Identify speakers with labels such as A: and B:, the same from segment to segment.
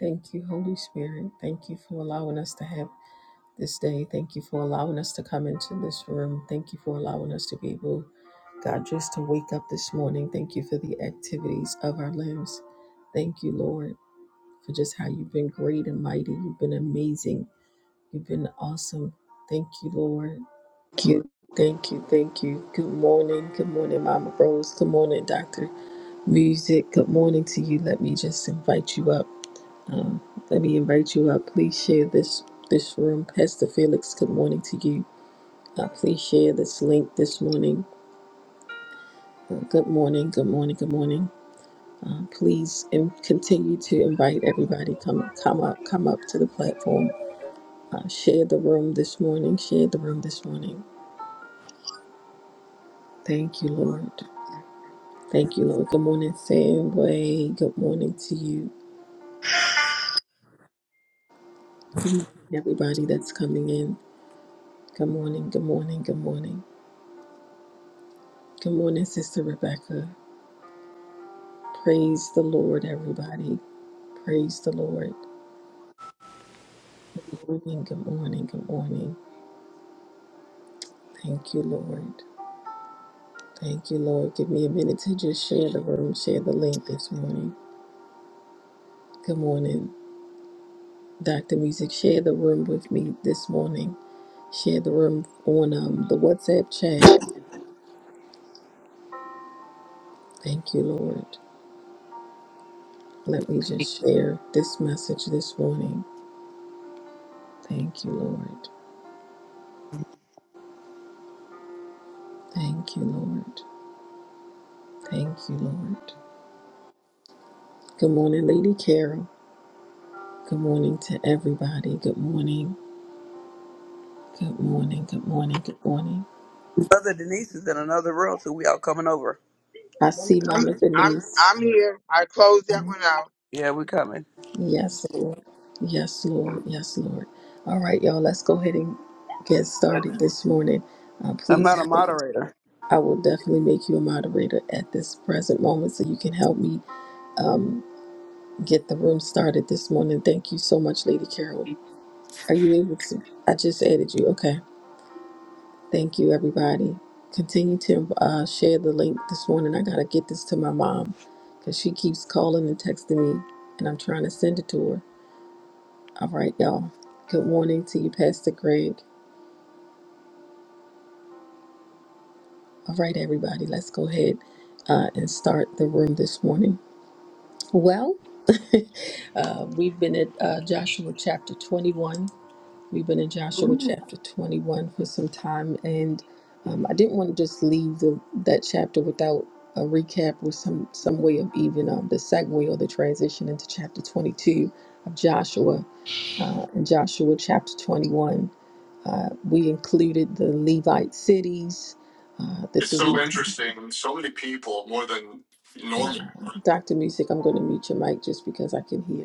A: Thank you, Holy Spirit. Thank you for allowing us to have this day. Thank you for allowing us to come into this room. Thank you for allowing us to be able, God, just to wake up this morning. Thank you for the activities of our limbs. Thank you, Lord, for just how you've been great and mighty. You've been amazing. You've been awesome. Thank you, Lord. Thank you. Thank you. Thank you. Good morning. Good morning, Mama Rose. Good morning, Dr. Music. Good morning to you. Let me just invite you up. Um, let me invite you up. Please share this this room. Pastor Felix, good morning to you. Uh, please share this link this morning. Uh, good morning. Good morning. Good morning. Uh, please and continue to invite everybody. Come come up come up to the platform. Uh, share the room this morning. Share the room this morning. Thank you, Lord. Thank you, Lord. Good morning, Samway. Good morning to you. Good morning, everybody that's coming in. Good morning. Good morning. Good morning. Good morning, Sister Rebecca. Praise the Lord, everybody. Praise the Lord. Good morning, good morning, good morning. Thank you, Lord. Thank you, Lord. Give me a minute to just share the room, share the link this morning. Good morning, Dr. Music. Share the room with me this morning. Share the room on um, the WhatsApp chat. Thank you, Lord. Let me just share this message this morning. Thank you, Lord. Thank you, Lord. Thank you, Lord. Good morning, Lady Carol. Good morning to everybody. Good morning. Good morning. Good morning. Good morning.
B: Brother Denise is in another room, so we all coming over.
A: I
C: I'm
A: see
C: I'm
A: Mama
C: I'm
A: Denise.
C: I'm here. I closed that one out.
B: Yeah, we coming.
A: Yes, Lord. Yes, Lord. Yes, Lord. All right, y'all. Let's go ahead and get
B: But
A: started this morning. Uh,
B: I'm
A: please,
B: not a
A: help.
B: moderator.
A: I will definitely make you a moderator at this present moment so you can help me get the room started this morning. Thank you so much, Lady Carol. Are you able to? I just added you. Okay. Thank you, everybody. Continue to uh, share the link this morning. I got to get this to my mom because she keeps calling and texting me, and I'm trying to send it to her. All right, y'all. Good morning to you, Pastor Greg. All right, everybody. Let's go ahead uh, and start the room this morning. Well, uh, we've been at uh, Joshua chapter 21 We've been in Joshua chapter 21 for some time, and um, I didn't want to just leave the, that chapter without a recap or some, some way of even um, the segue or the transition into chapter 22 of Joshua. Uh, in Joshua chapter 21, uh, we included the Levite cities, uh, the three. Uh, Dr. Music, I'm going to mute your mic just because I can hear.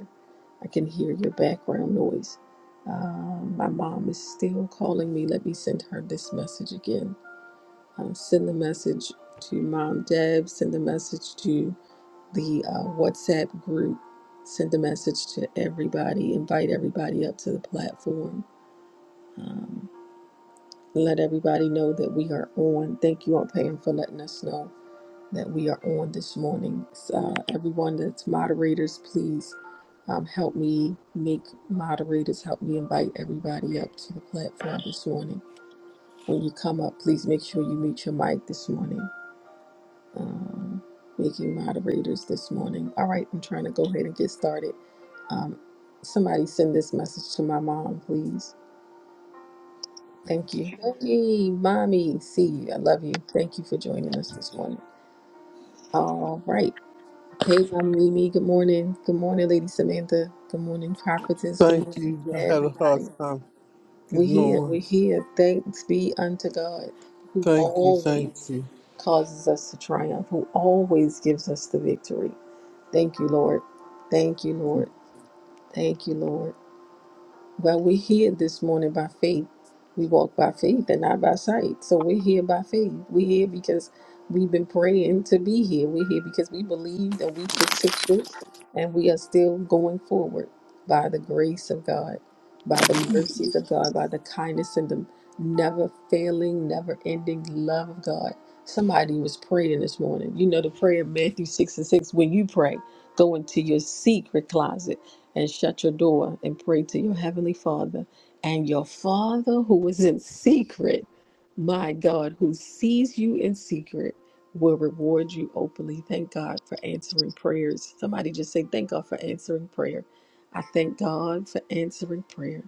A: I can hear your background noise. Um, my mom is still calling me. Let me send her this message again. Uh, send the message to Mom Deb. Send the message to the uh, WhatsApp group. Send the message to everybody. Invite everybody up to the platform. Um, let everybody know that we are on. Thank you, Aunt Pam, for letting us know that we are on this morning. Uh, everyone that's moderators, please um, help me make moderators, help me invite everybody up to the platform this morning. When you come up, please make sure you mute your mic this morning. Um, making moderators this morning. All right, I'm trying to go ahead and get started. Um, somebody send this message to my mom, please. Thank you. Hey, mommy, see you. I love you. Thank you for joining us this morning. All right. Hey, Mama Mimi. Good morning. Good morning, Lady Samantha. Good morning, Prophetess. Good
D: Thank
A: morning,
D: you. I had a hard
A: everybody.
D: time
A: We're
D: getting
A: here.
D: on.
A: We're here. Thanks be unto God who
D: Thank you. Thank
A: always
D: you.
A: causes us to triumph, who always gives us the victory. Thank you, Lord. Thank you, Lord. Thank you, Lord. Well, we're here this morning by faith. We walk by faith and not by sight. So we're here by faith. We're here because we've been praying to be here. We're here because we believed and we persisted and we are still going forward by the grace of God, by the mercies of God, by the kindness and the never failing, never ending love of God. Somebody was praying this morning. You know the prayer of Matthew 6 and 6 when you pray, go into your secret closet and shut your door and pray to your heavenly Father. And your Father who is in secret, my God, who sees you in secret, will reward you openly. Thank God for answering prayers. Somebody just say, Thank God for answering prayer. I thank God for answering prayer.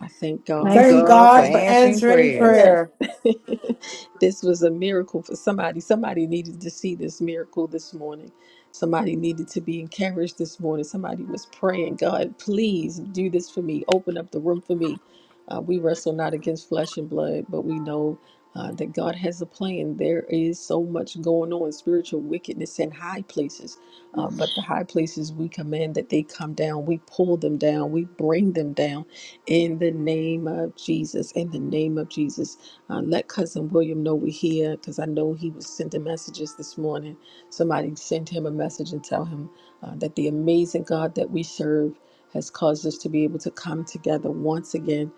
A: I thank God
E: Thank
F: Thank
A: for
E: God for
F: God for
A: answering.
E: answering
F: answering
E: prayers.
A: Yeah.
F: prayer.
A: this was a miracle for somebody. Somebody needed to see this miracle this morning. Somebody needed to be encouraged this morning. Somebody was praying, God, please do this for me. Open up the room for me. Uh, we wrestle not against flesh and blood, but we know uh, that God has a plan. There is so much going on, spiritual wickedness in high places. Uh, but the high places we command that they come down. We pull them down. We bring them down in the name of Jesus. In the name of Jesus. Uh, let Cousin William know we're here because I know he was sending messages this morning. Somebody send him a message and tell him uh, that the amazing God that we serve has caused us to be able to come together once again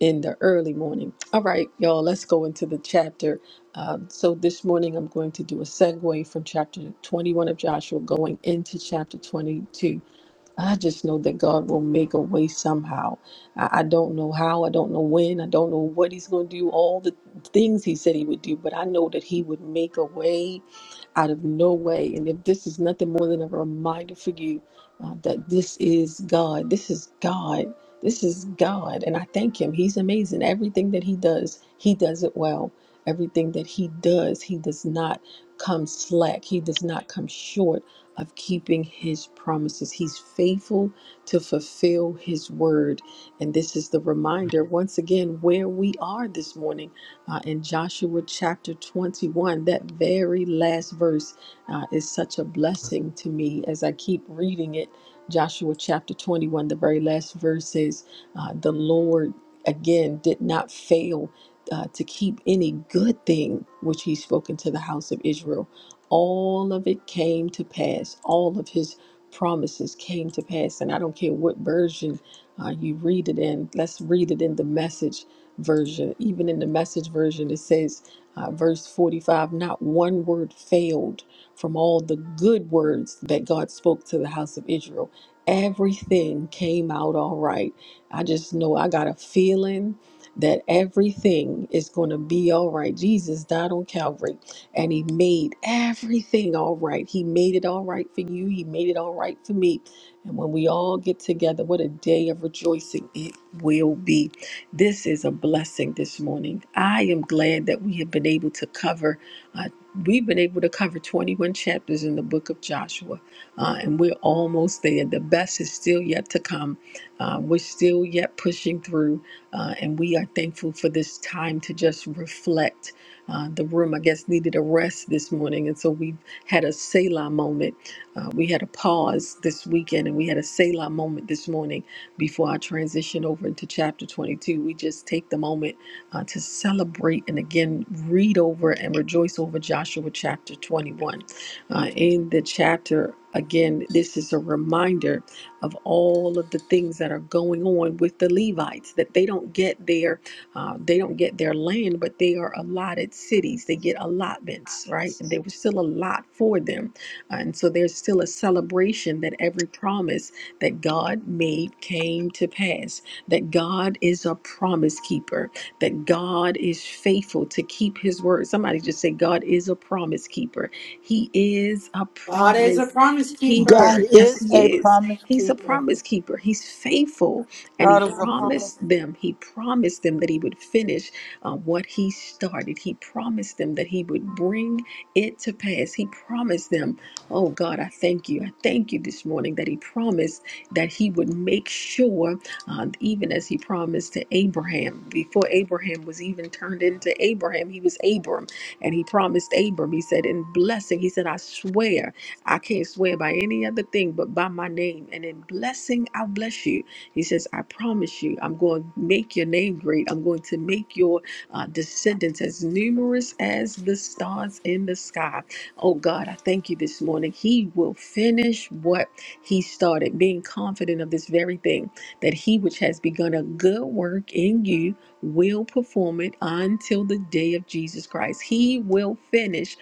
A: in the early morning. All right, y'all, let's go into the chapter. Uh, so this morning I'm going to do a segue from chapter 21 of Joshua going into chapter 22. I just know that God will make a way somehow. I, I don't know how, I don't know when, I don't know what He's going to do, all the things He said He would do, but I know that He would make a way out of no way. And if this is nothing more than a reminder for you uh, that this is God, this is God, this is God. And I thank Him. He's amazing. Everything that He does, He does it well. Everything that He does, He does not come slack, He does not come short of keeping His promises. He's faithful to fulfill His word. And this is the reminder once again where we are this morning uh, in Joshua chapter 21, that very last verse uh, is such a blessing to me as I keep reading it. Joshua chapter 21, the very last verse says, uh, The Lord again did not fail uh, to keep any good thing which he spoken to the house of Israel. All of it came to pass, all of his promises came to pass. And I don't care what version uh, you read it in, let's read it in the message version, even in the message version, it says, uh, verse 45, not one word failed from all the good words that God spoke to the house of Israel. Everything came out all right. I just know I got a feeling that everything is going to be all right. Jesus died on Calvary and he made everything all right. He made it all right for you, he made it all right for me. And when we all get together, what a day of rejoicing it will be. This is a blessing this morning. I am glad that we have been able to cover, uh, we've been able to cover 21 chapters in the book of Joshua, uh, and we're almost there. The best is still yet to come. Uh, we're still yet pushing through, uh, and we are thankful for this time to just reflect. Uh, the room, I guess, needed a rest this morning, and so we had a Selah moment. Uh, we had a pause this weekend, and we had a Selah moment this morning before I transition over into chapter 22, we just take the moment uh, to celebrate and again read over and rejoice over Joshua chapter 21. Uh, in the chapter, again, this is a reminder of all of the things that are going on with the Levites that they don't get their uh, they don't get their land, but they are allotted cities. They get allotments, right? And there was still a lot for them, and so there's still a celebration that every promise that God made came to pass, that God is a promise keeper, that God is faithful to keep his word. Somebody just say, God is a promise keeper. He is a
F: God is a
A: promise
F: promise keeper.
G: God
A: keeper. Yes,
G: is a
A: he is.
G: promise
A: He's a
G: keeper.
A: promise keeper. He's faithful. And
H: God
A: he
H: is upon us,
A: promised them, he promised them that he would finish uh, what he started. He promised them that he would bring it to pass. He promised them, oh God, I thank you. I thank you this morning that he promised that he would make sure, uh, even as he promised to Abraham, before Abraham was even turned into Abraham, he was Abram, and he promised Abram, he said, in blessing, he said, I swear, I can't swear by any other thing but by my name, and in blessing, I'll bless you. He says, I promise you, I'm going to make your name great. I'm going to make your uh, descendants as numerous as the stars in the sky. Oh God, I thank you this morning. He will finish what he started, being confident of this very thing, that he which has begun a good work in you will perform it until the day of Jesus Christ. He will finish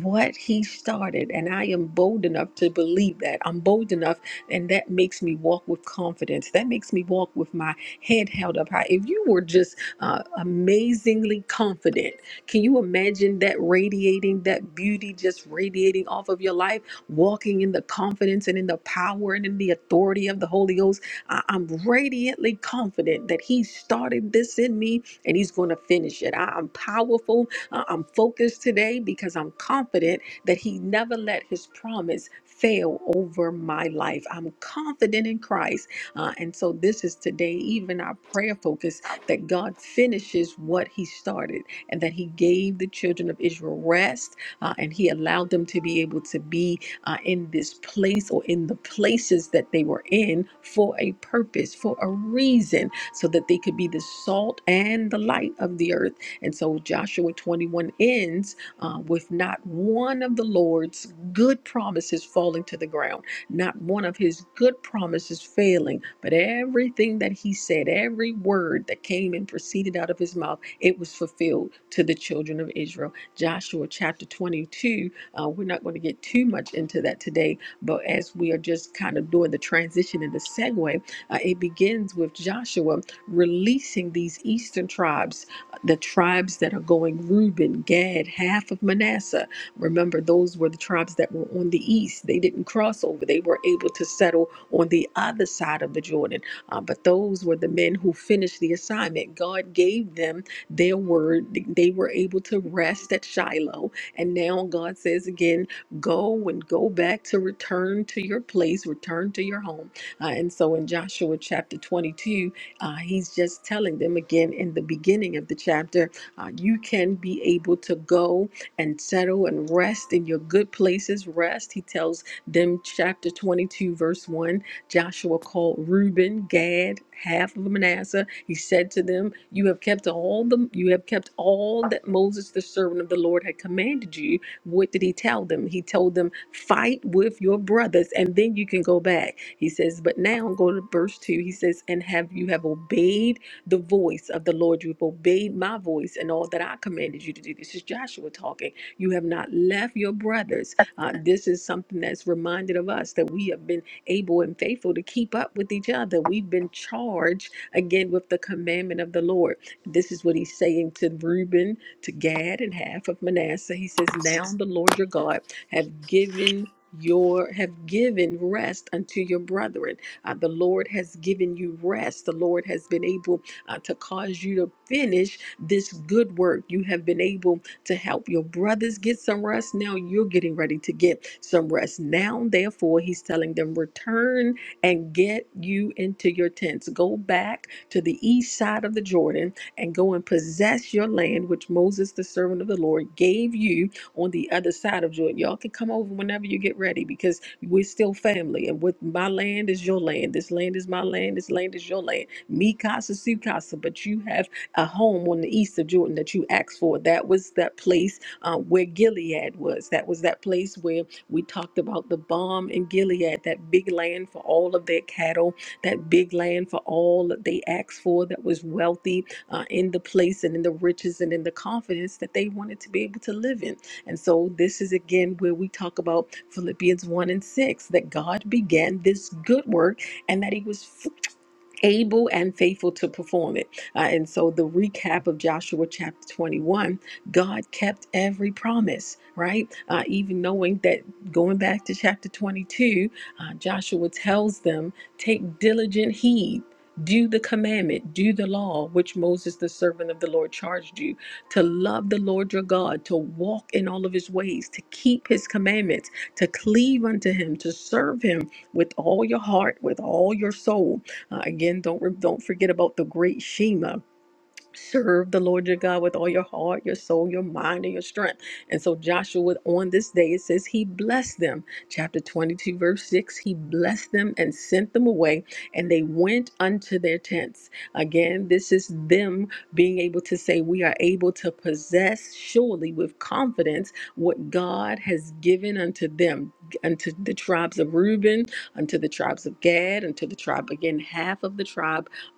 A: what he started and i am bold enough to believe that i'm bold enough and that makes me walk with confidence that makes me walk with my head held up high if you were just uh, amazingly confident can you imagine that radiating that beauty just radiating off of your life walking in the confidence and in the power and in the authority of the Holy Ghost. I- I'm radiantly confident that He started this in me and He's going to finish it. I- I'm powerful. I- I'm focused today because I'm confident that He never let His promise fail over my life. I'm confident in Christ. Uh, and so this is today, even our prayer focus that God finishes what He started and that He gave the children of Israel rest uh, and He allowed them to be able to be uh, in this place or in the places that they were in for a purpose, for a reason, so that they could be the salt and the light of the earth. And so Joshua 21 ends uh, with not one of the Lord's good promises falling to the ground, not one of his good promises failing, but everything that he said, every word that came and proceeded out of his mouth, it was fulfilled to the children of Israel. Joshua chapter 22 uh, we're not going to get too much into that today, but as we are just kind of doing the transition and the segue, uh, it begins with Joshua releasing these eastern tribes, uh, the tribes that are going Reuben, Gad, half of Manasseh. Remember, those were the tribes that were on the east. They didn't cross over, they were able to settle on the other side of the Jordan. Uh, but those were the men who finished the assignment. God gave them their word. They were able to rest at Shiloh and now God says again, go and go back to return to your place, return to your home. Uh, and so in Joshua chapter 22, uh, he's just telling them again in the beginning of the chapter, uh, you can be able to go and settle and rest in your good places. Rest, he tells them, chapter 22, verse 1. Joshua called Reuben, Gad, half of Manasseh he said to them, You have kept all the you have kept all that Moses the servant of the Lord had commanded you. What did he tell them? He told them, Fight with your brothers, and then you can go back. He says, But now go to verse two. He says, And have you have obeyed the voice of the Lord. You have obeyed my voice and all that I commanded you to do. This is Joshua talking. You have not left your brothers. Uh, this is something that's reminded of us that we have been able and faithful to keep up with each other. We've been charged again with the commandment of the Lord. This is what he's saying to Reuben, to Gad, and half of Manasseh. He says, Now the Lord your God have given your have given rest unto your brethren uh, the lord has given you rest the lord has been able uh, to cause you to finish this good work you have been able to help your brothers get some rest now you're getting ready to get some rest now therefore he's telling them return and get you into your tents. Go back to the east side of the Jordan and go and possess your land, which Moses, the servant of the Lord, gave you on the other side of Jordan. Y'all can come over whenever you get ready because we're still family. And with my land is your land. This land is my land. This land is your land. Me casa, su casa. But you have a home on the east of Jordan that you asked for. That was that place uh, where Gilead was. That was that place where we talked about the bomb in Gilead, that big land for all of their cattle, that big land for all that they asked for that was wealthy uh, in the place and in the riches and in the confidence that they wanted to be able to live in. And so this is again where we talk about Philippians 1 and 6 that God began this good work and that he was able and faithful to perform it. Uh, and so, the recap of Joshua chapter 21 God kept every promise, right? Uh, even knowing that going back to chapter 22, uh, Joshua tells them, Take diligent heed. Do the commandment, do the law which Moses, the servant of the Lord, charged you to love the Lord your God, to walk in all of his ways, to keep his commandments, to cleave unto him, to serve him with all your heart, with all your soul uh, again, don't re- don't forget about the great Shema. Serve the Lord your God with all your heart, your soul, your mind, and your strength. And so Joshua, on this day, it says he blessed them. Chapter 22, verse 6, he blessed them and sent them away, and they went unto their tents. Again, this is them being able to say, We are able to possess surely with confidence what God has given unto them, unto the tribes of Reuben, unto the tribes of Gad, unto the tribe, again, half of the tribes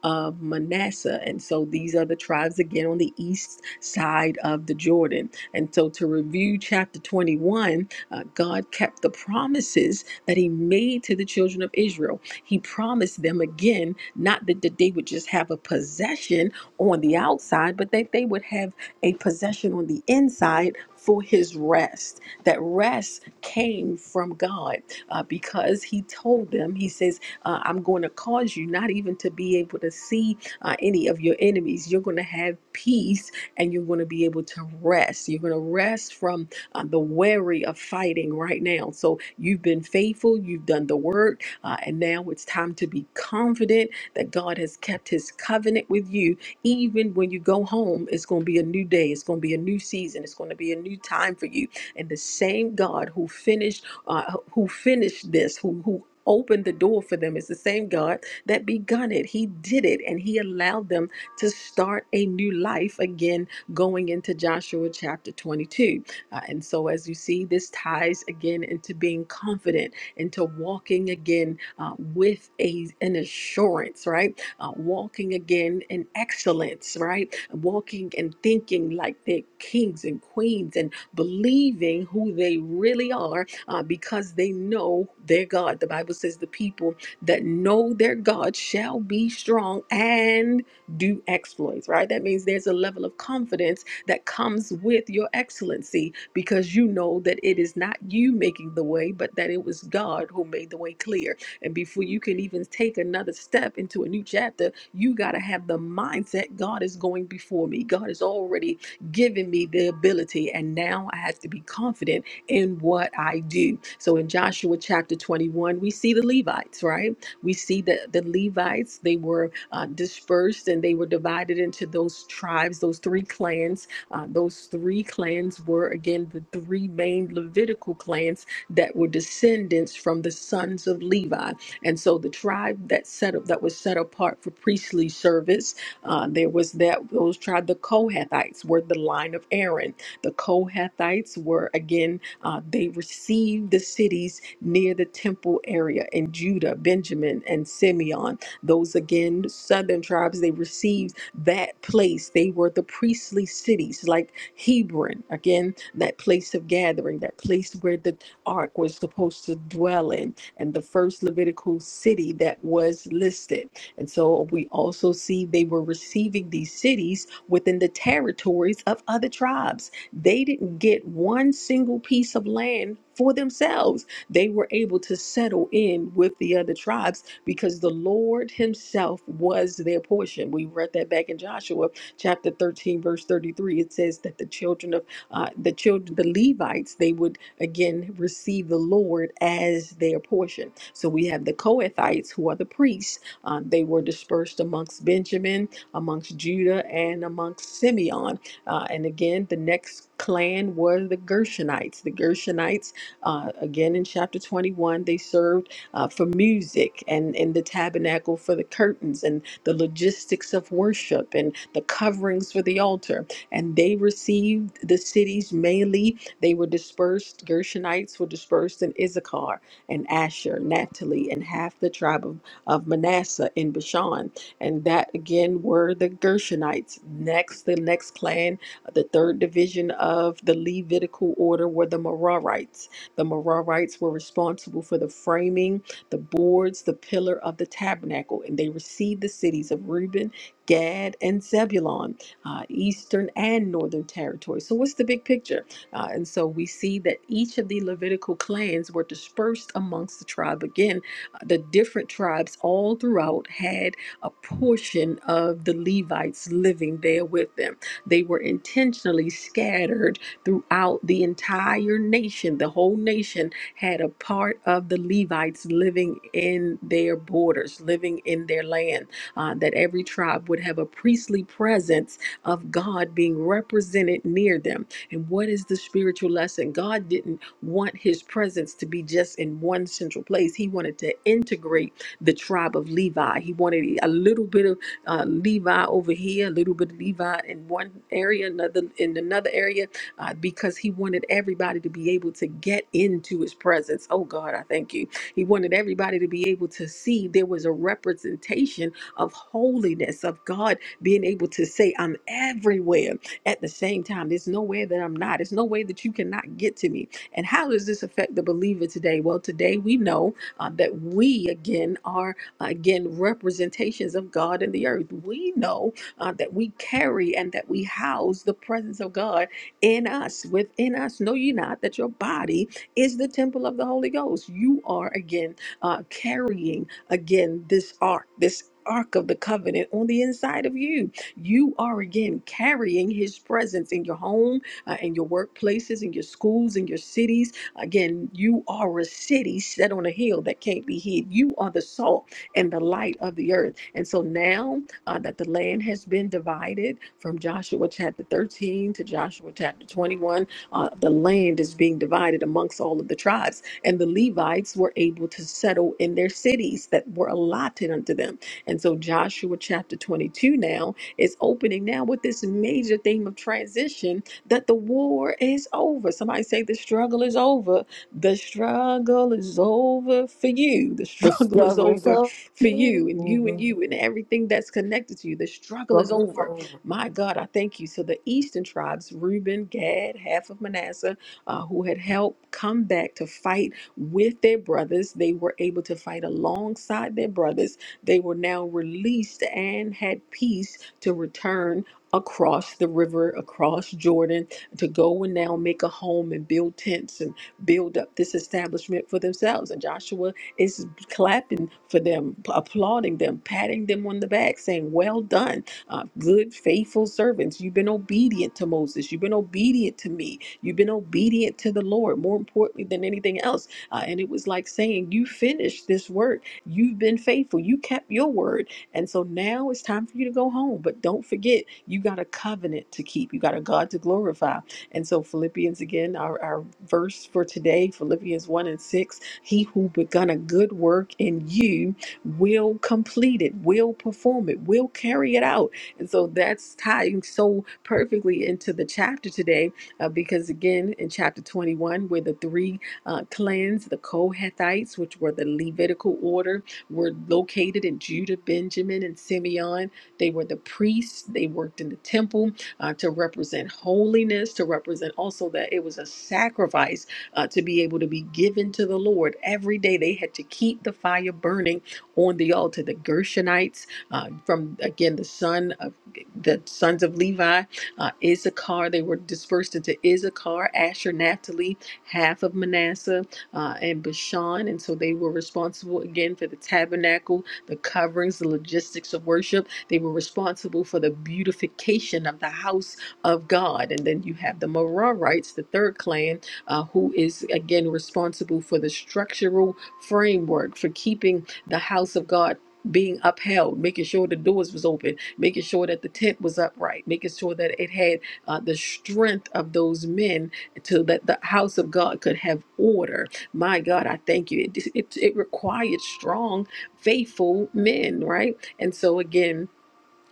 A: of Manasseh. And so these are the tribes again on the east side of the Jordan. And so to review chapter 21, uh, God kept the promises that he made to the children of Israel. He promised them again, not that, that they would just have a possession on the outside, but that they would have a possession on the inside for his rest. That rest came from God uh, because he told them, he says, uh, I'm going to cause you not even to be able to see uh, any of your enemies. You're going to have peace and you're going to be able to rest. You're going to rest from uh, the weary of fighting right now. So you've been faithful, you've done the work, uh, and now it's time to be confident that God has kept his covenant with you. Even when you go home, it's going to be a new day, it's going to be a new season, it's going to be a new time for you. And the same God who finished uh, who finished this, who who opened the door for them. It's the same God that begun it. He did it and he allowed them to start a new life again going into Joshua chapter 22. Uh, and so, as you see, this ties again into being confident, into walking again uh, with a, an assurance, right? Uh, walking again in excellence, right? Walking and thinking like they're kings and queens and believing who they really are uh, because they know their God. The Bible says the people that know their God shall be strong and do exploits, right? That means there's a level of confidence that comes with your excellency because you know that it is not you making the way, but that it was God who made the way clear. And before you can even take another step into a new chapter, you got to have the mindset God is going before me. God has already given me the ability, and now I have to be confident in what I do. So in Joshua chapter 21, we see the Levites, right? We see that the Levites, they were uh, dispersed and they were divided into those tribes, those three clans. Uh, those three clans were, again, the three main Levitical clans that were descendants from the sons of Levi. And so the tribe that set up that was set apart for priestly service, uh, there was that those tribe, the Kohathites, were the line of Aaron. The Kohathites were again uh, they received the cities near the temple area in Judah, Benjamin, and Simeon. Those again, southern tribes, they received that place. They were the priestly cities, like Hebron, again, that place of gathering, that place where the ark was supposed to dwell in, and the first Levitical city that was listed. And so we also see they were receiving these cities within the territories of other tribes they didn't get one single piece of land for themselves. They were able to settle in with the other tribes because the Lord Himself was their portion. We read that back in Joshua chapter 13, verse 33. It says that the children of uh, the children, the Levites, they would again receive the Lord as their portion. So we have the Kohathites, who are the priests. Um, they were dispersed amongst Benjamin, amongst Judah, and amongst Simeon. Uh, and again, the next clan were the Gershonites. The Gershonites, uh, again in chapter 21, they served uh, for music and in the tabernacle for the curtains and the logistics of worship and the coverings for the altar. And they received the cities mainly. They were dispersed, Gershonites were dispersed in Issachar and Asher, Naphtali, and half the tribe of, of Manasseh in Bashan. And that again were the Gershonites. Next, the next clan the third division of the Levitical order were the Merarites. The Merarites were responsible for the framing, the boards, the pillar of the tabernacle, and they received the cities of Reuben, Gad, and Zebulon, uh, eastern and northern territory. So, what's the big picture? Uh, and so we see that each of the Levitical clans were dispersed amongst the tribe. Again, uh, the different tribes all throughout had a portion of the Levites living there with them. They were intentionally scattered throughout the entire nation. The whole nation had a part of the Levites living in their borders, living in their land, uh, that every tribe would have a priestly presence of God being represented near them. And what is the spiritual lesson? God didn't want his presence to be just in one central place, he wanted to integrate the tribe of Levi. He wanted a little bit of uh, Levi over here, a little bit of Levi in one area, another in another area, uh, because he wanted everybody to be able to get into his presence. Oh God, I thank you. He wanted everybody to be able to see there was a representation of holiness, of God being able to say, I'm everywhere at the same time. There's no way that I'm not. There's no way that you cannot get to me. And how does this affect the believer today? Well, today we know uh, that we again are again, representations of God in the earth. We know uh, that we carry and that we house the presence of God in us, within us. Know you not that your body is the temple of the Holy Ghost. You are again uh, carrying again this ark, this. Ark of the covenant on the inside of you. You are again carrying his presence in your home, uh, in your workplaces, in your schools, in your cities. Again, you are a city set on a hill that can't be hid. You are the salt and the light of the earth. And so now uh, that the land has been divided from Joshua chapter 13 to Joshua chapter 21, uh, the land is being divided amongst all of the tribes. And the Levites were able to settle in their cities that were allotted unto them. And so Joshua chapter 22 now is opening now with this major theme of transition that the war is over. Somebody say the struggle is over. The struggle is over for you. The
E: The
A: struggle is
E: struggle is
A: over
I: Yes.
E: over.
A: for you and you and
I: Over
A: you and everything that's connected to you. The struggle is
H: but we
A: over. My God, I thank you. So the eastern tribes, Reuben, Gad, half of Manasseh, uh, who had helped come back to fight with their brothers, they were able to fight alongside their brothers. They were now released and had peace to return across the river, across Jordan, to go and now make a home and build tents and build up this establishment for themselves. And Joshua is clapping for them, p- applauding them, patting them on the back, saying, Well done, uh, good, faithful servants. You've been obedient to Moses. You've been obedient to me. You've been obedient to the Lord, more importantly than anything else. Uh, and it was like saying, You finished this work. You've been faithful. You kept your word. And so now it's time for you to go home. But don't forget, you got a covenant to keep, you got a God to glorify. And so, Philippians again, our, our verse for today, Philippians 1 and 6 he who begun a good work in you will complete it, will perform it, will carry it out. And so that's tying so perfectly into the chapter today, uh, because again, in chapter 21, where the three uh, clans, the Kohathites, which were the Levitical order, were located in Judah, Benjamin, and Simeon. They were the priests, they worked in the temple uh, to represent holiness, to represent also that it was a sacrifice uh, to be able to be given to the Lord every day. They had to keep the fire burning on the altar. The Gershonites, uh, from again the son of the sons of Levi, uh, Issachar. They were dispersed into Issachar, Asher, Naphtali, half of Manasseh, uh, and Bashan, and so they were responsible again for the tabernacle, the coverings, the logistics of worship. They were responsible for the beautification of the house of God. And then you have the Merarites, the third clan, uh, who is again responsible for the structural framework for keeping the house of God being upheld, making sure the doors was open, making sure that the tent was upright, making sure that it had uh, the strength of those men to that the house of God could have order. My God, I thank you. It, it, it required strong, faithful men, right? And so again,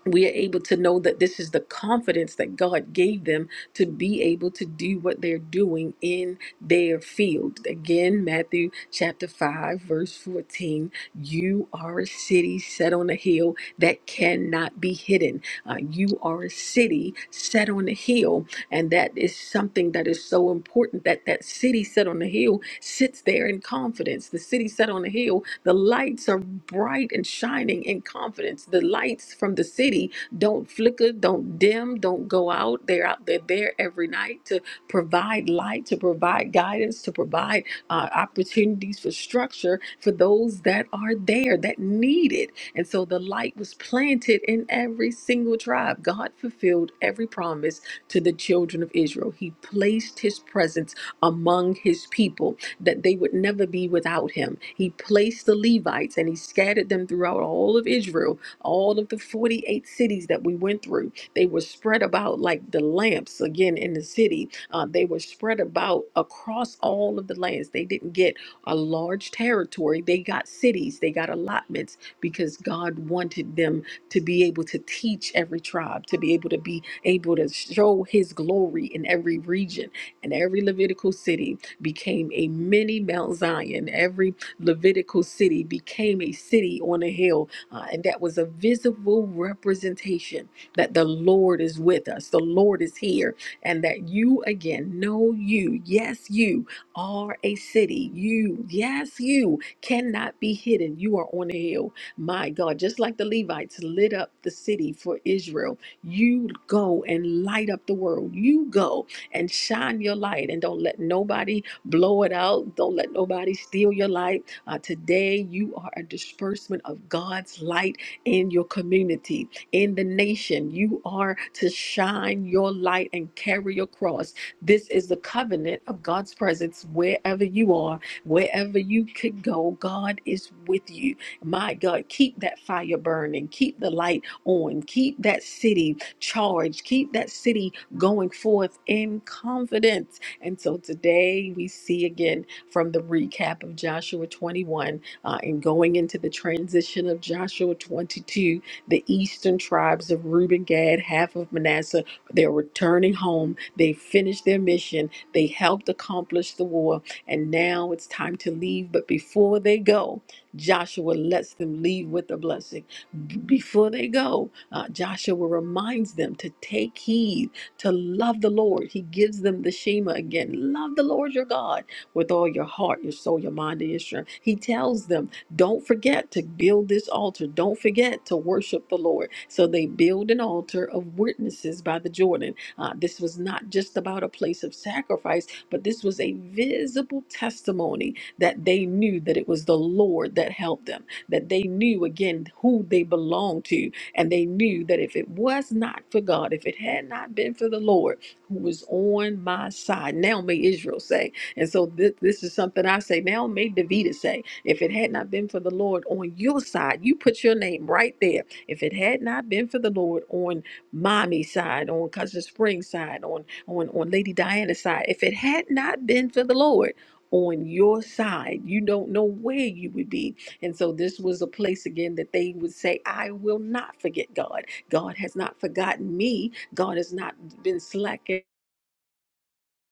A: we are able to know that this is the confidence that God gave them to be able to do what they're doing in their field. Again, Matthew chapter 5, verse 14 you are a city set on a hill that cannot be hidden. Uh, you are a city set on a hill and that is something that is so important that that city set on the hill sits there in confidence the city set on the hill the lights are bright and shining in confidence the lights from the city don't flicker don't dim don't go out they're out they're there every night to provide light to provide guidance to provide uh, opportunities for structure for those that are there that need it and so the light was planted in every single tribe god fulfilled every promise to the children of Israel. He placed his presence among his people that they would never be without him. He placed the Levites and he scattered them throughout all of Israel, all of the 48 cities that we went through. They were spread about like the lamps again in the city. Uh, they were spread about across all of the lands. They didn't get a large territory, they got cities, they got allotments because God wanted them to be able to teach every tribe, to be able to be able to show his glory in every region. And every Levitical city became a mini Mount Zion. Every Levitical city became a city on a hill. Uh, and that was a visible representation that the Lord is with us, the Lord is here, and that you again know you, yes, you are a city. You, yes, you cannot be hidden. You are on a hill my God, just like the Levites lit up the city for Israel, you go and light up the world. You go and shine your light and don't let nobody blow it out. Don't let nobody steal your light. Uh, today, you are a disbursement of God's light in your community, in the nation. You are to shine your light and carry your cross. This is the covenant of God's presence wherever you are, wherever you could go. God is with you. My God, keep that fire burning, keep the light on, keep that city charged, keep that city going forth in confidence. And so today we see again from the recap of Joshua 21 uh, and going into the transition of Joshua 22, the eastern tribes of Reuben, Gad, half of Manasseh, they're returning home. They finished their mission, they helped accomplish the war, and now it's time to leave. But before they go, Joshua lets them leave with a blessing. B- Before they go, uh, Joshua reminds them to take heed, to love the Lord. He gives them the Shema again love the Lord your God with all your heart, your soul, your mind, and your strength. He tells them, don't forget to build this altar. Don't forget to worship the Lord. So they build an altar of witnesses by the Jordan. Uh, this was not just about a place of sacrifice, but this was a visible testimony that they knew that it was the Lord that helped them, that they knew again who they belonged to, and they knew that if it was not for God, if it had not been for the Lord who was on my side, now may Israel say, and so thi- this is something I say now, may David say, if it had not been for the Lord on your side, you put your name right there. If it had not been for the Lord on mommy's side, on cousin Spring's side, on on on Lady Diana's side, if it had not been for the Lord on your side. You don't know where you would be. And so this was a place again that they would say, I will not forget God. God has not forgotten me. God has not been slacking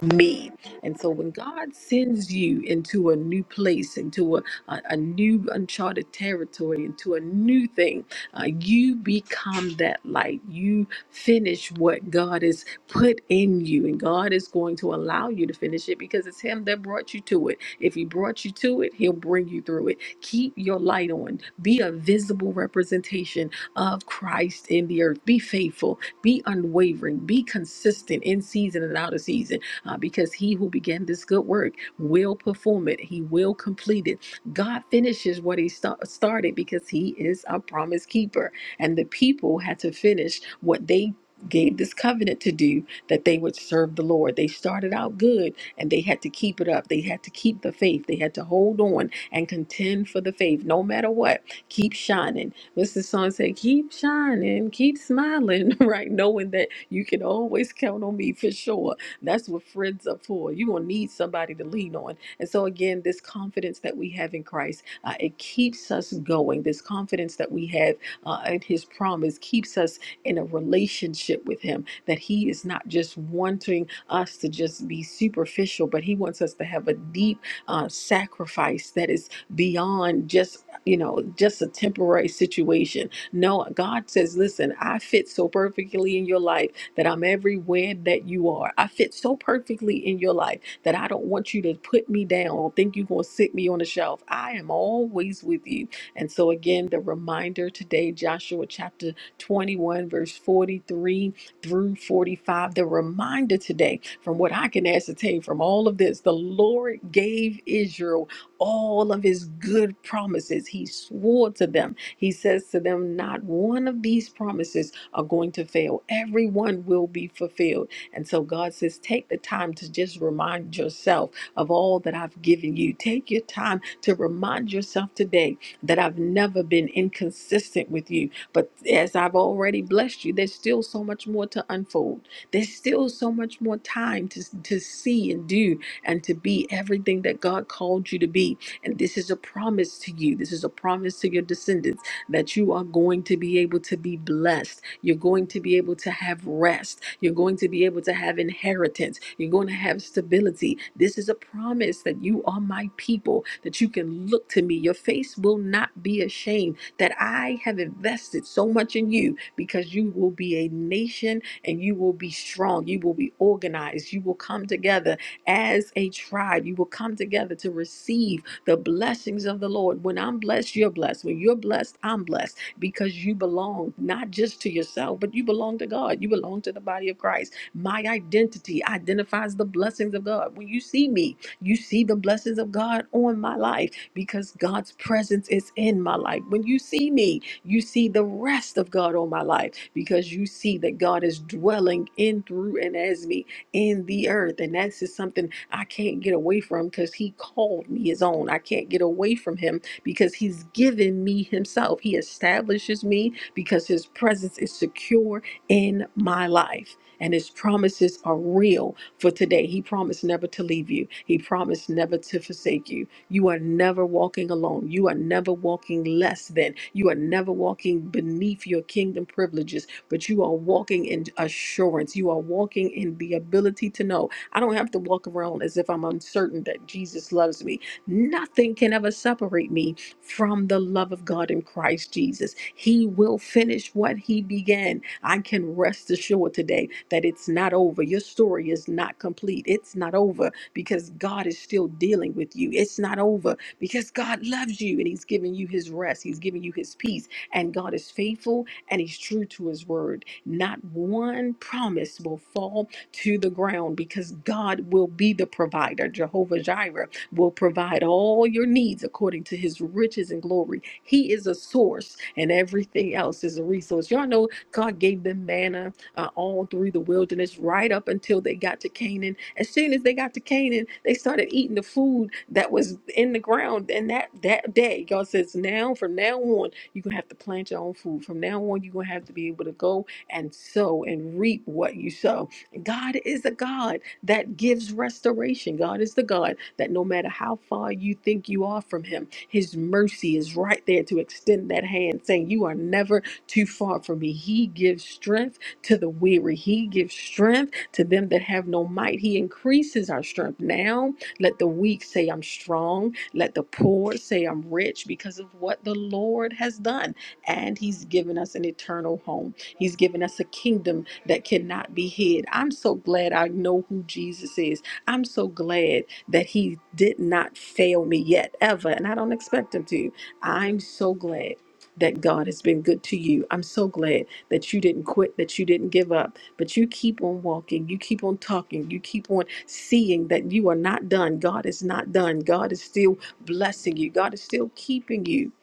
A: me. And so when God sends you into a new place, into a, a, a new uncharted territory, into a new thing, uh, you become that light. You finish what God has put in you. And God is going to allow you to finish it because it's Him that brought you to it. If He brought you to it, He'll bring you through it. Keep your light on. Be a visible representation of Christ in the earth. Be faithful. Be unwavering. Be consistent in season and out of season uh, because he who began this good work will perform it, he will complete it. God finishes what he sta- started because he is a promise keeper. And the people had to finish what they gave this covenant to do that they would serve the Lord. They started out good and they had to keep it up. They had to keep the faith. They had to hold on and contend for the faith no matter what. Keep shining. What's the song say? Keep shining, keep smiling, right? Knowing that you can always count on me for sure that's what friends are for. You're going to need somebody to lean on. And so, again, this confidence that we have in Christ, uh, it keeps us going. This confidence that we have uh, in His promise keeps us in a relationship with Him, that He is not just wanting us to just be superficial, but He wants us to have a deep uh, sacrifice that is beyond just, you know, just a temporary situation no, God says, listen, I fit so perfectly in your life that I'm everywhere that you are. I fit so perfectly in your life that I don't want you to put me down or think you're going to sit me on the shelf. I am always with you. And so, again, the reminder today, Joshua chapter 21, verse 43 through 45, the reminder today from what I can ascertain from all of this, the Lord gave Israel all of his good promises. He swore to them he says to them, Not one of these promises are going to fail, every one will be fulfilled. And so God says, Take the time to just remind yourself of all that I've given you. Take your time to remind yourself today that I've never been inconsistent with you. But as I've already blessed you, there's still so much more to unfold. There's still so much more time to, to see and do and to be everything that God called you to be. And this is a promise to you. This is a promise to your descendants that you are going to be able to be blessed. You're going to be able to have rest. You're going to be able to have inheritance. You're going to have stability. This is a promise that you are my people, that you can look to me. Your face will not be ashamed, that I have invested so much in you because you will be a nation and you will be strong. You will be organized. You will come together as a tribe. You will come together to receive the blessings of the Lord. When I'm blessed, you're blessed. When you're blessed, I'm blessed because you belong not just to yourself, but you belong to God. You belong to the body of Christ. My identity identifies the blessings of God. When you see me, you see the blessings of God on my life because God's presence is in my life. When you see me, you see the rest of God on my life because you see that God is dwelling in, through, and as me in the earth. And that's just something I can't get away from because he called me his own. I can't get away from him because he's given me himself. He establishes me because his presence is secure in my life. And his promises are real for today. He promised never to leave you. He promised never to forsake you. You are never walking alone. You are never walking less than. You are never walking beneath your kingdom privileges, but you are walking in assurance. You are walking in the ability to know I don't have to walk around as if I'm uncertain that Jesus loves me. Nothing can ever separate me from the love of God in Christ Jesus. He will finish what He began. I can rest assured today that it's not over. Your story is not complete. It's not over because God is still dealing with you. It's not over because God loves you and He's giving you His rest. He's giving you His peace. And God is faithful and He's true to His word. Not one promise will fall to the ground because God will be the provider. Jehovah Jireh will provide all your needs according to his riches and glory. He is a source, and everything else is a resource. Y'all know God gave them manna uh, all through the wilderness, right up until they got to Canaan. As soon as they got to Canaan, they started eating the food that was in the ground. And that, that day, God says, now, from now on, you're going to have to plant your own food. From now on, you're going to have to be able to go and sow and reap what you sow God is a God that gives restoration. God is the God that no matter how far you think you are from Him, His mercy is right there to extend that hand, saying, You are never too far from me. He gives strength to the weary, He gives strength to them that have no might. He increases our strength. Now, let the weak say, I'm strong. Let the poor say, I'm rich because of what the Lord has done. And He's given us an eternal home. He's given us a kingdom that cannot be hid. I'm so glad I know who Jesus is. I'm so glad that He did not fail me yet, ever, and I don't expect Him to. I'm so glad. That God has been good to you. I'm so glad that you didn't quit, that you didn't give up, but you keep on walking, you keep on talking, you keep on seeing that you are not done. God is not done. God is still blessing you, God is still keeping you.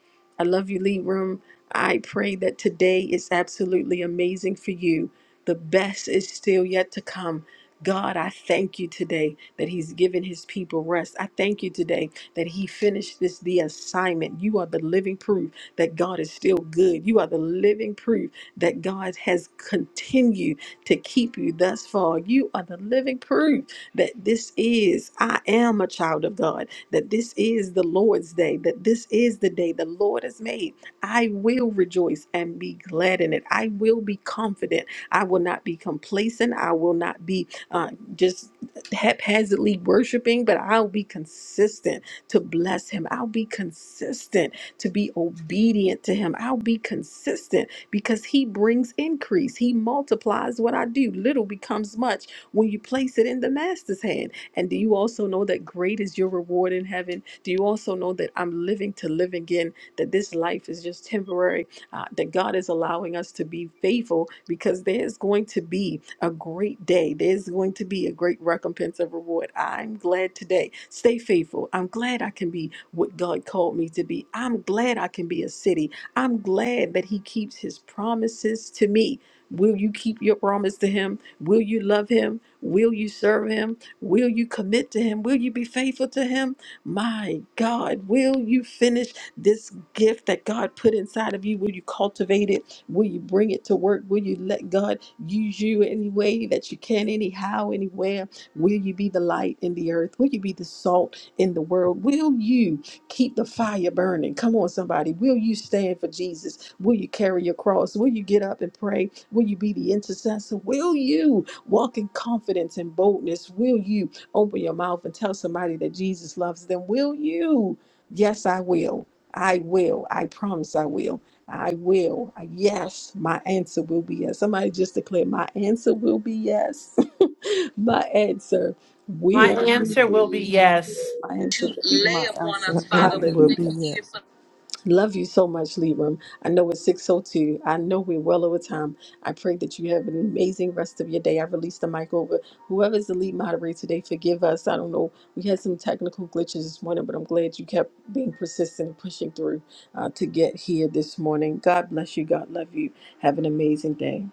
A: I love you, Lee I pray that today is absolutely amazing for you. The best is still yet to come. God, I thank you today that He's given His people rest. I thank you today that He finished this, the assignment. You are the living proof that God is still good. You are the living proof that God has continued to keep you thus far. You are the living proof that this is, I am a child of God, that this is the Lord's day, that this is the day the Lord has made I will rejoice and be glad in it. I will be confident. I will not be complacent. I will not be uh, just haphazardly worshiping, but I'll be consistent to bless Him. I'll be consistent to be obedient to Him. I'll be consistent because He brings increase. He multiplies what I do. Little becomes much when you place it in the Master's hand. And do you also know that great is your reward in heaven? Do you also know that I'm living to live again? that this life is just temporary, uh, that God is allowing us to be faithful because there's going to be a great day. There's going to be a great recompense of reward. I'm glad today. Stay faithful. I'm glad I can be what God called me to be. I'm glad I can be a city. I'm glad that He keeps His promises to me. Will you keep your promise to Him? Will you love Him? Will you serve Him? Will you commit to Him? Will you be faithful to Him? My God, will you finish? this? gift that God put inside of you? Will you cultivate it? Will you bring it to work? Will you let God use you any way that you can, anyhow, anywhere? Will you be the light in the earth? Will you be the salt in the world? Will you keep the fire burning? Come on, somebody. Will you stand for Jesus? Will you carry your cross? Will you get up and pray? Will you be the intercessor? Will you walk in confidence and boldness? Will you open your mouth and tell somebody that Jesus loves them? Will you? Yes, I will. I will. I promise I will. I will. Yes, my answer will be yes. Somebody just declare. my answer will be yes. my answer
F: My
A: will.
J: Not
I: the
J: into
F: answer
I: yes.
F: will be
J: the
F: yes.
J: uh,
A: My
B: To
A: answer will be
B: lay
A: yes.
B: My- I'm upon so
K: Her
B: us, so
K: answer
B: Father. ready.
K: will be
A: Hallelujah.
K: yes.
A: Love you so much, Libram. I know it's 602. I know we're well over time. I pray that you have an amazing rest of your day. I release the mic over. Whoever's the lead moderator today, forgive us. I don't know. We had some technical glitches this morning, but I'm glad you kept being persistent and pushing through uh, to get here this morning. God bless you. God love you. Have an amazing day.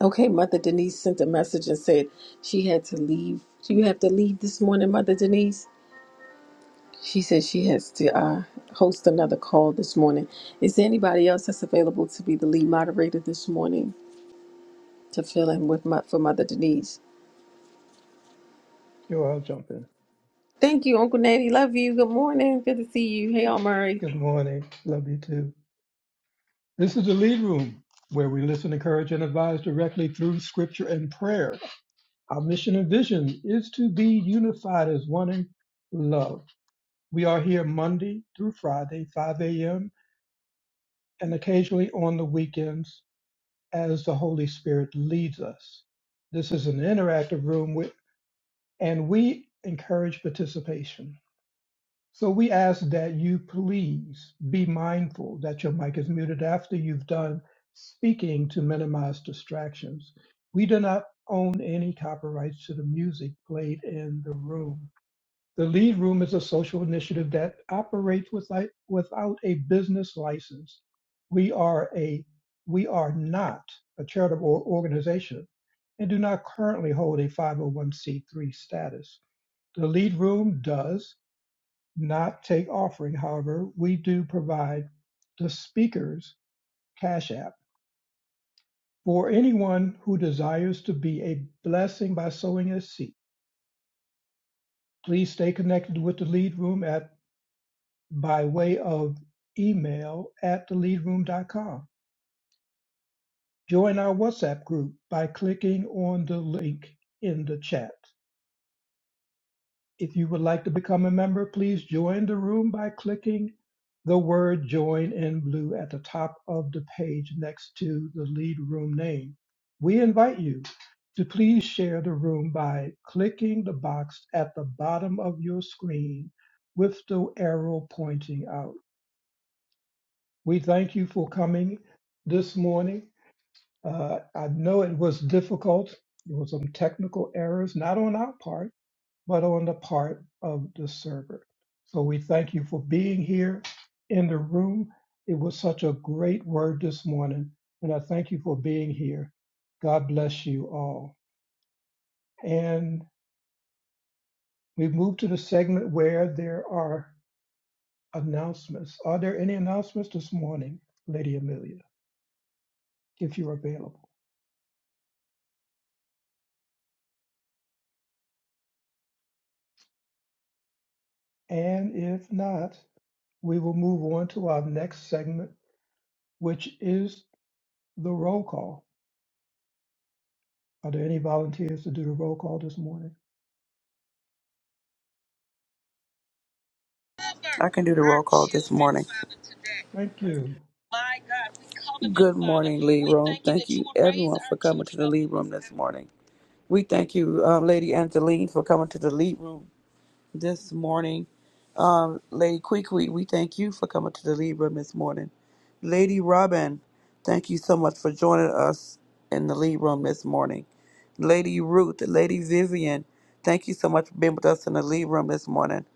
A: Okay, Mother Denise sent a message and said she had to leave. So You have to leave this morning, Mother Denise. She said she has to uh, host another call this morning. Is there anybody else that's available to be the lead moderator this morning to fill in with my, for Mother Denise?
I: Sure, I'll jump in.
A: Thank you, Uncle Natty. Love you. Good morning. Good to see you. Hey, all Murray.
I: Good morning. Love you too. This is the lead room where we listen, encourage, and advise directly through scripture and prayer. Our mission and vision is to be unified as one in love. We are here Monday through Friday, 5 a.m., and occasionally on the weekends as the Holy Spirit leads us. This is an interactive room, with, and we encourage participation. So we ask that you please be mindful that your mic is muted after you've done speaking to minimize distractions. We do not own any copyrights to the music played in the room. The Lead Room is a social initiative that operates without, without a business license. We are a we are not a charitable organization and do not currently hold a 501c3 status. The Lead Room does not take offering. However, we do provide the speaker's Cash App for anyone who desires to be a blessing by sowing a seed. Please stay connected with the Lead Room at by way of email at theleadroom.com. Join our WhatsApp group by clicking on the link in the chat. If you would like to become a member, please join the room by clicking the word join in blue at the top of the page next to the lead room name. We invite you to please share the room by clicking the box at the bottom of your screen with the arrow pointing out. We thank you for coming this morning. Uh, I know it was difficult. There were some technical errors, not on our part but on the part of the server. So we thank you for being here in the room. It was such a great word this morning, and I thank you for being here. God bless you all. And we move to the segment where there are announcements. Are there any announcements this morning, Lady Amelia, if you're available? And if not, we will move on to our next segment, which is the roll call. Are there any volunteers to do the roll call this morning?
B: I can do the roll call this morning.
I: Thank you.
B: My God, we cover them, Good morning, Father. Lee We Room. Thank you Thank that you, you will everyone, raise everyone, for coming to the children Lee Room this morning. We thank you, uh, Lady Angeline, for coming to the lead Room this morning. Lady Quickly, we thank you for coming to the lead room this morning. Lady Robin, thank you so much for joining us in the lead room this morning. Lady Ruth, Lady Vivian, thank you so much for being with us in the lead room this morning.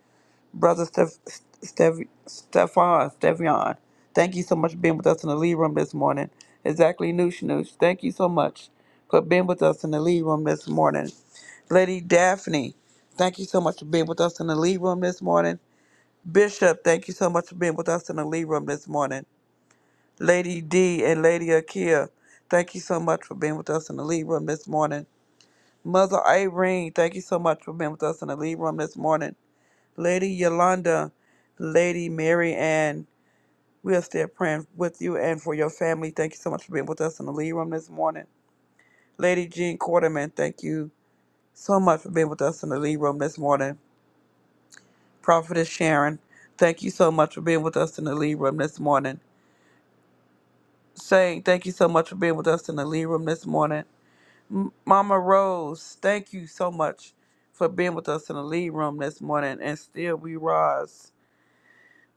B: Brother Steph, Steph, Stefan, Stevion, thank you so much for being with us in the lead room this morning. Exactly, Noosh Noosh, thank you so much for being with us in the lead room this morning. Lady Daphne, thank you so much for being with us in the lead room this morning. Bishop, thank you so much for being with us in the lead room this morning. Lady D and Lady Akia, thank you so much for being with us in the lead room this morning. Mother Irene, thank you so much for being with us in the lead room this morning. Lady Yolanda, Lady Mary Ann, we are still praying with you and for your family. Thank you so much for being with us in the lead room this morning. Lady Jean Quarterman, thank you so much for being with us in the lead room this morning. Prophetess Sharon, thank you so much for being with us in the lead room this morning. saying thank you so much for being with us in the lead room this morning. M- Mama Rose, thank you so much for being with us in the lead room this morning. And still we rise.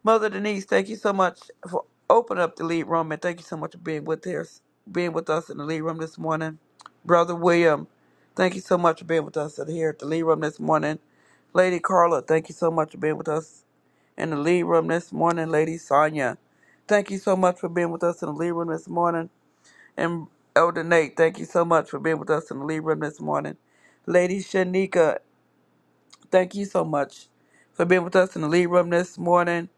B: Mother Denise, thank you so much for opening up the lead room and thank you so much for being with us, being with us in the lead room this morning. Brother William, thank you so much for being with us here at the lead room this morning. Lady Carla, thank you so much for being with us in the lead room this morning. Lady Sonia, thank you so much for being with us in the lead room this morning. And Elder Nate, thank you so much for being with us in the lead room this morning. Lady Shanika, thank you so much for being with us in the lead room this morning.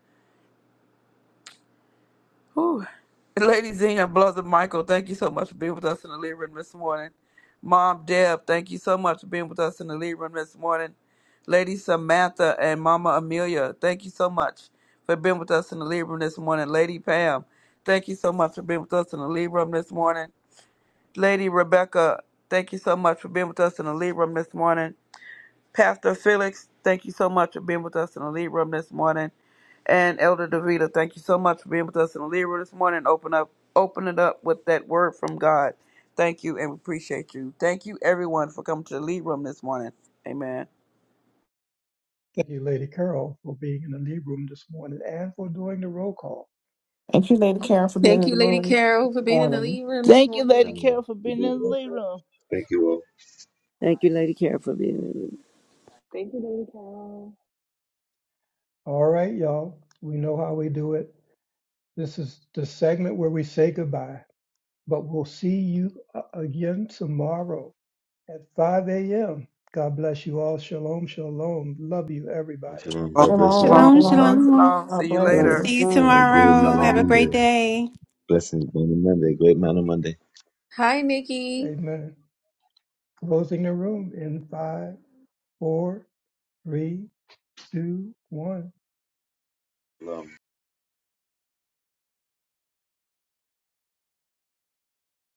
B: Whew. And Lady Zena, Brother Michael, thank you so much for being with us in the lead room this morning. Mom Deb, thank you so much for being with us in the lead room this morning. Lady Samantha and Mama Amelia, thank you so much for being with us in the lead room this morning. Lady Pam, thank you so much for being with us in the lead room this morning. Lady Rebecca, thank you so much for being with us in the lead room this morning. Pastor Felix, thank you so much for being with us in the lead room this morning. And Elder Davita, thank you so much for being with us in the lead room this morning. Open up, open it up with that word from God. Thank you, and we appreciate you. Thank you, everyone, for coming to the lead room this morning. Amen.
I: Thank you, Lady Carol, for being in the lead room this morning and for doing the roll call.
L: Thank you, Lady Karen, for being
A: Thank
L: in
A: you,
L: the
A: Lady
L: room this
A: Carol, for being in the
L: morning.
A: lead room this
G: Thank you, Lady
J: kind
A: morning.
J: of
G: Carol, for being
J: people
G: in the
J: who-
G: lead room.
J: Thank you all.
M: Thank you, Lady Carol, for being in the
N: Thank you, Lady Carol.
I: All right, y'all. We know how we do it. This is the segment where we say goodbye, but we'll see you uh, again tomorrow at 5 a.m. God bless you all. Shalom, shalom. Love you, everybody.
J: Um, Shalom.
O: Shalom,
J: God bless you all.
O: shalom.
L: Shalom,
J: Have
P: Shalom,
J: a,
B: Shalom,
L: shalom.
B: shalom.
P: shalom.
B: See
L: God
B: you
L: bless
J: have a,
M: Shalom,
B: later.
L: you.
P: See you
M: shalom.
J: have a
Q: Shalom,
J: great
P: tomorrow.
J: man of
P: Have
Q: shalom.
P: a great
J: Monday.
P: day.
J: Blessings, man of Monday. Great man of Monday.
A: Hi, Nikki.
I: Amen. Closing the room in five, four, three, two, one.
J: Shalom.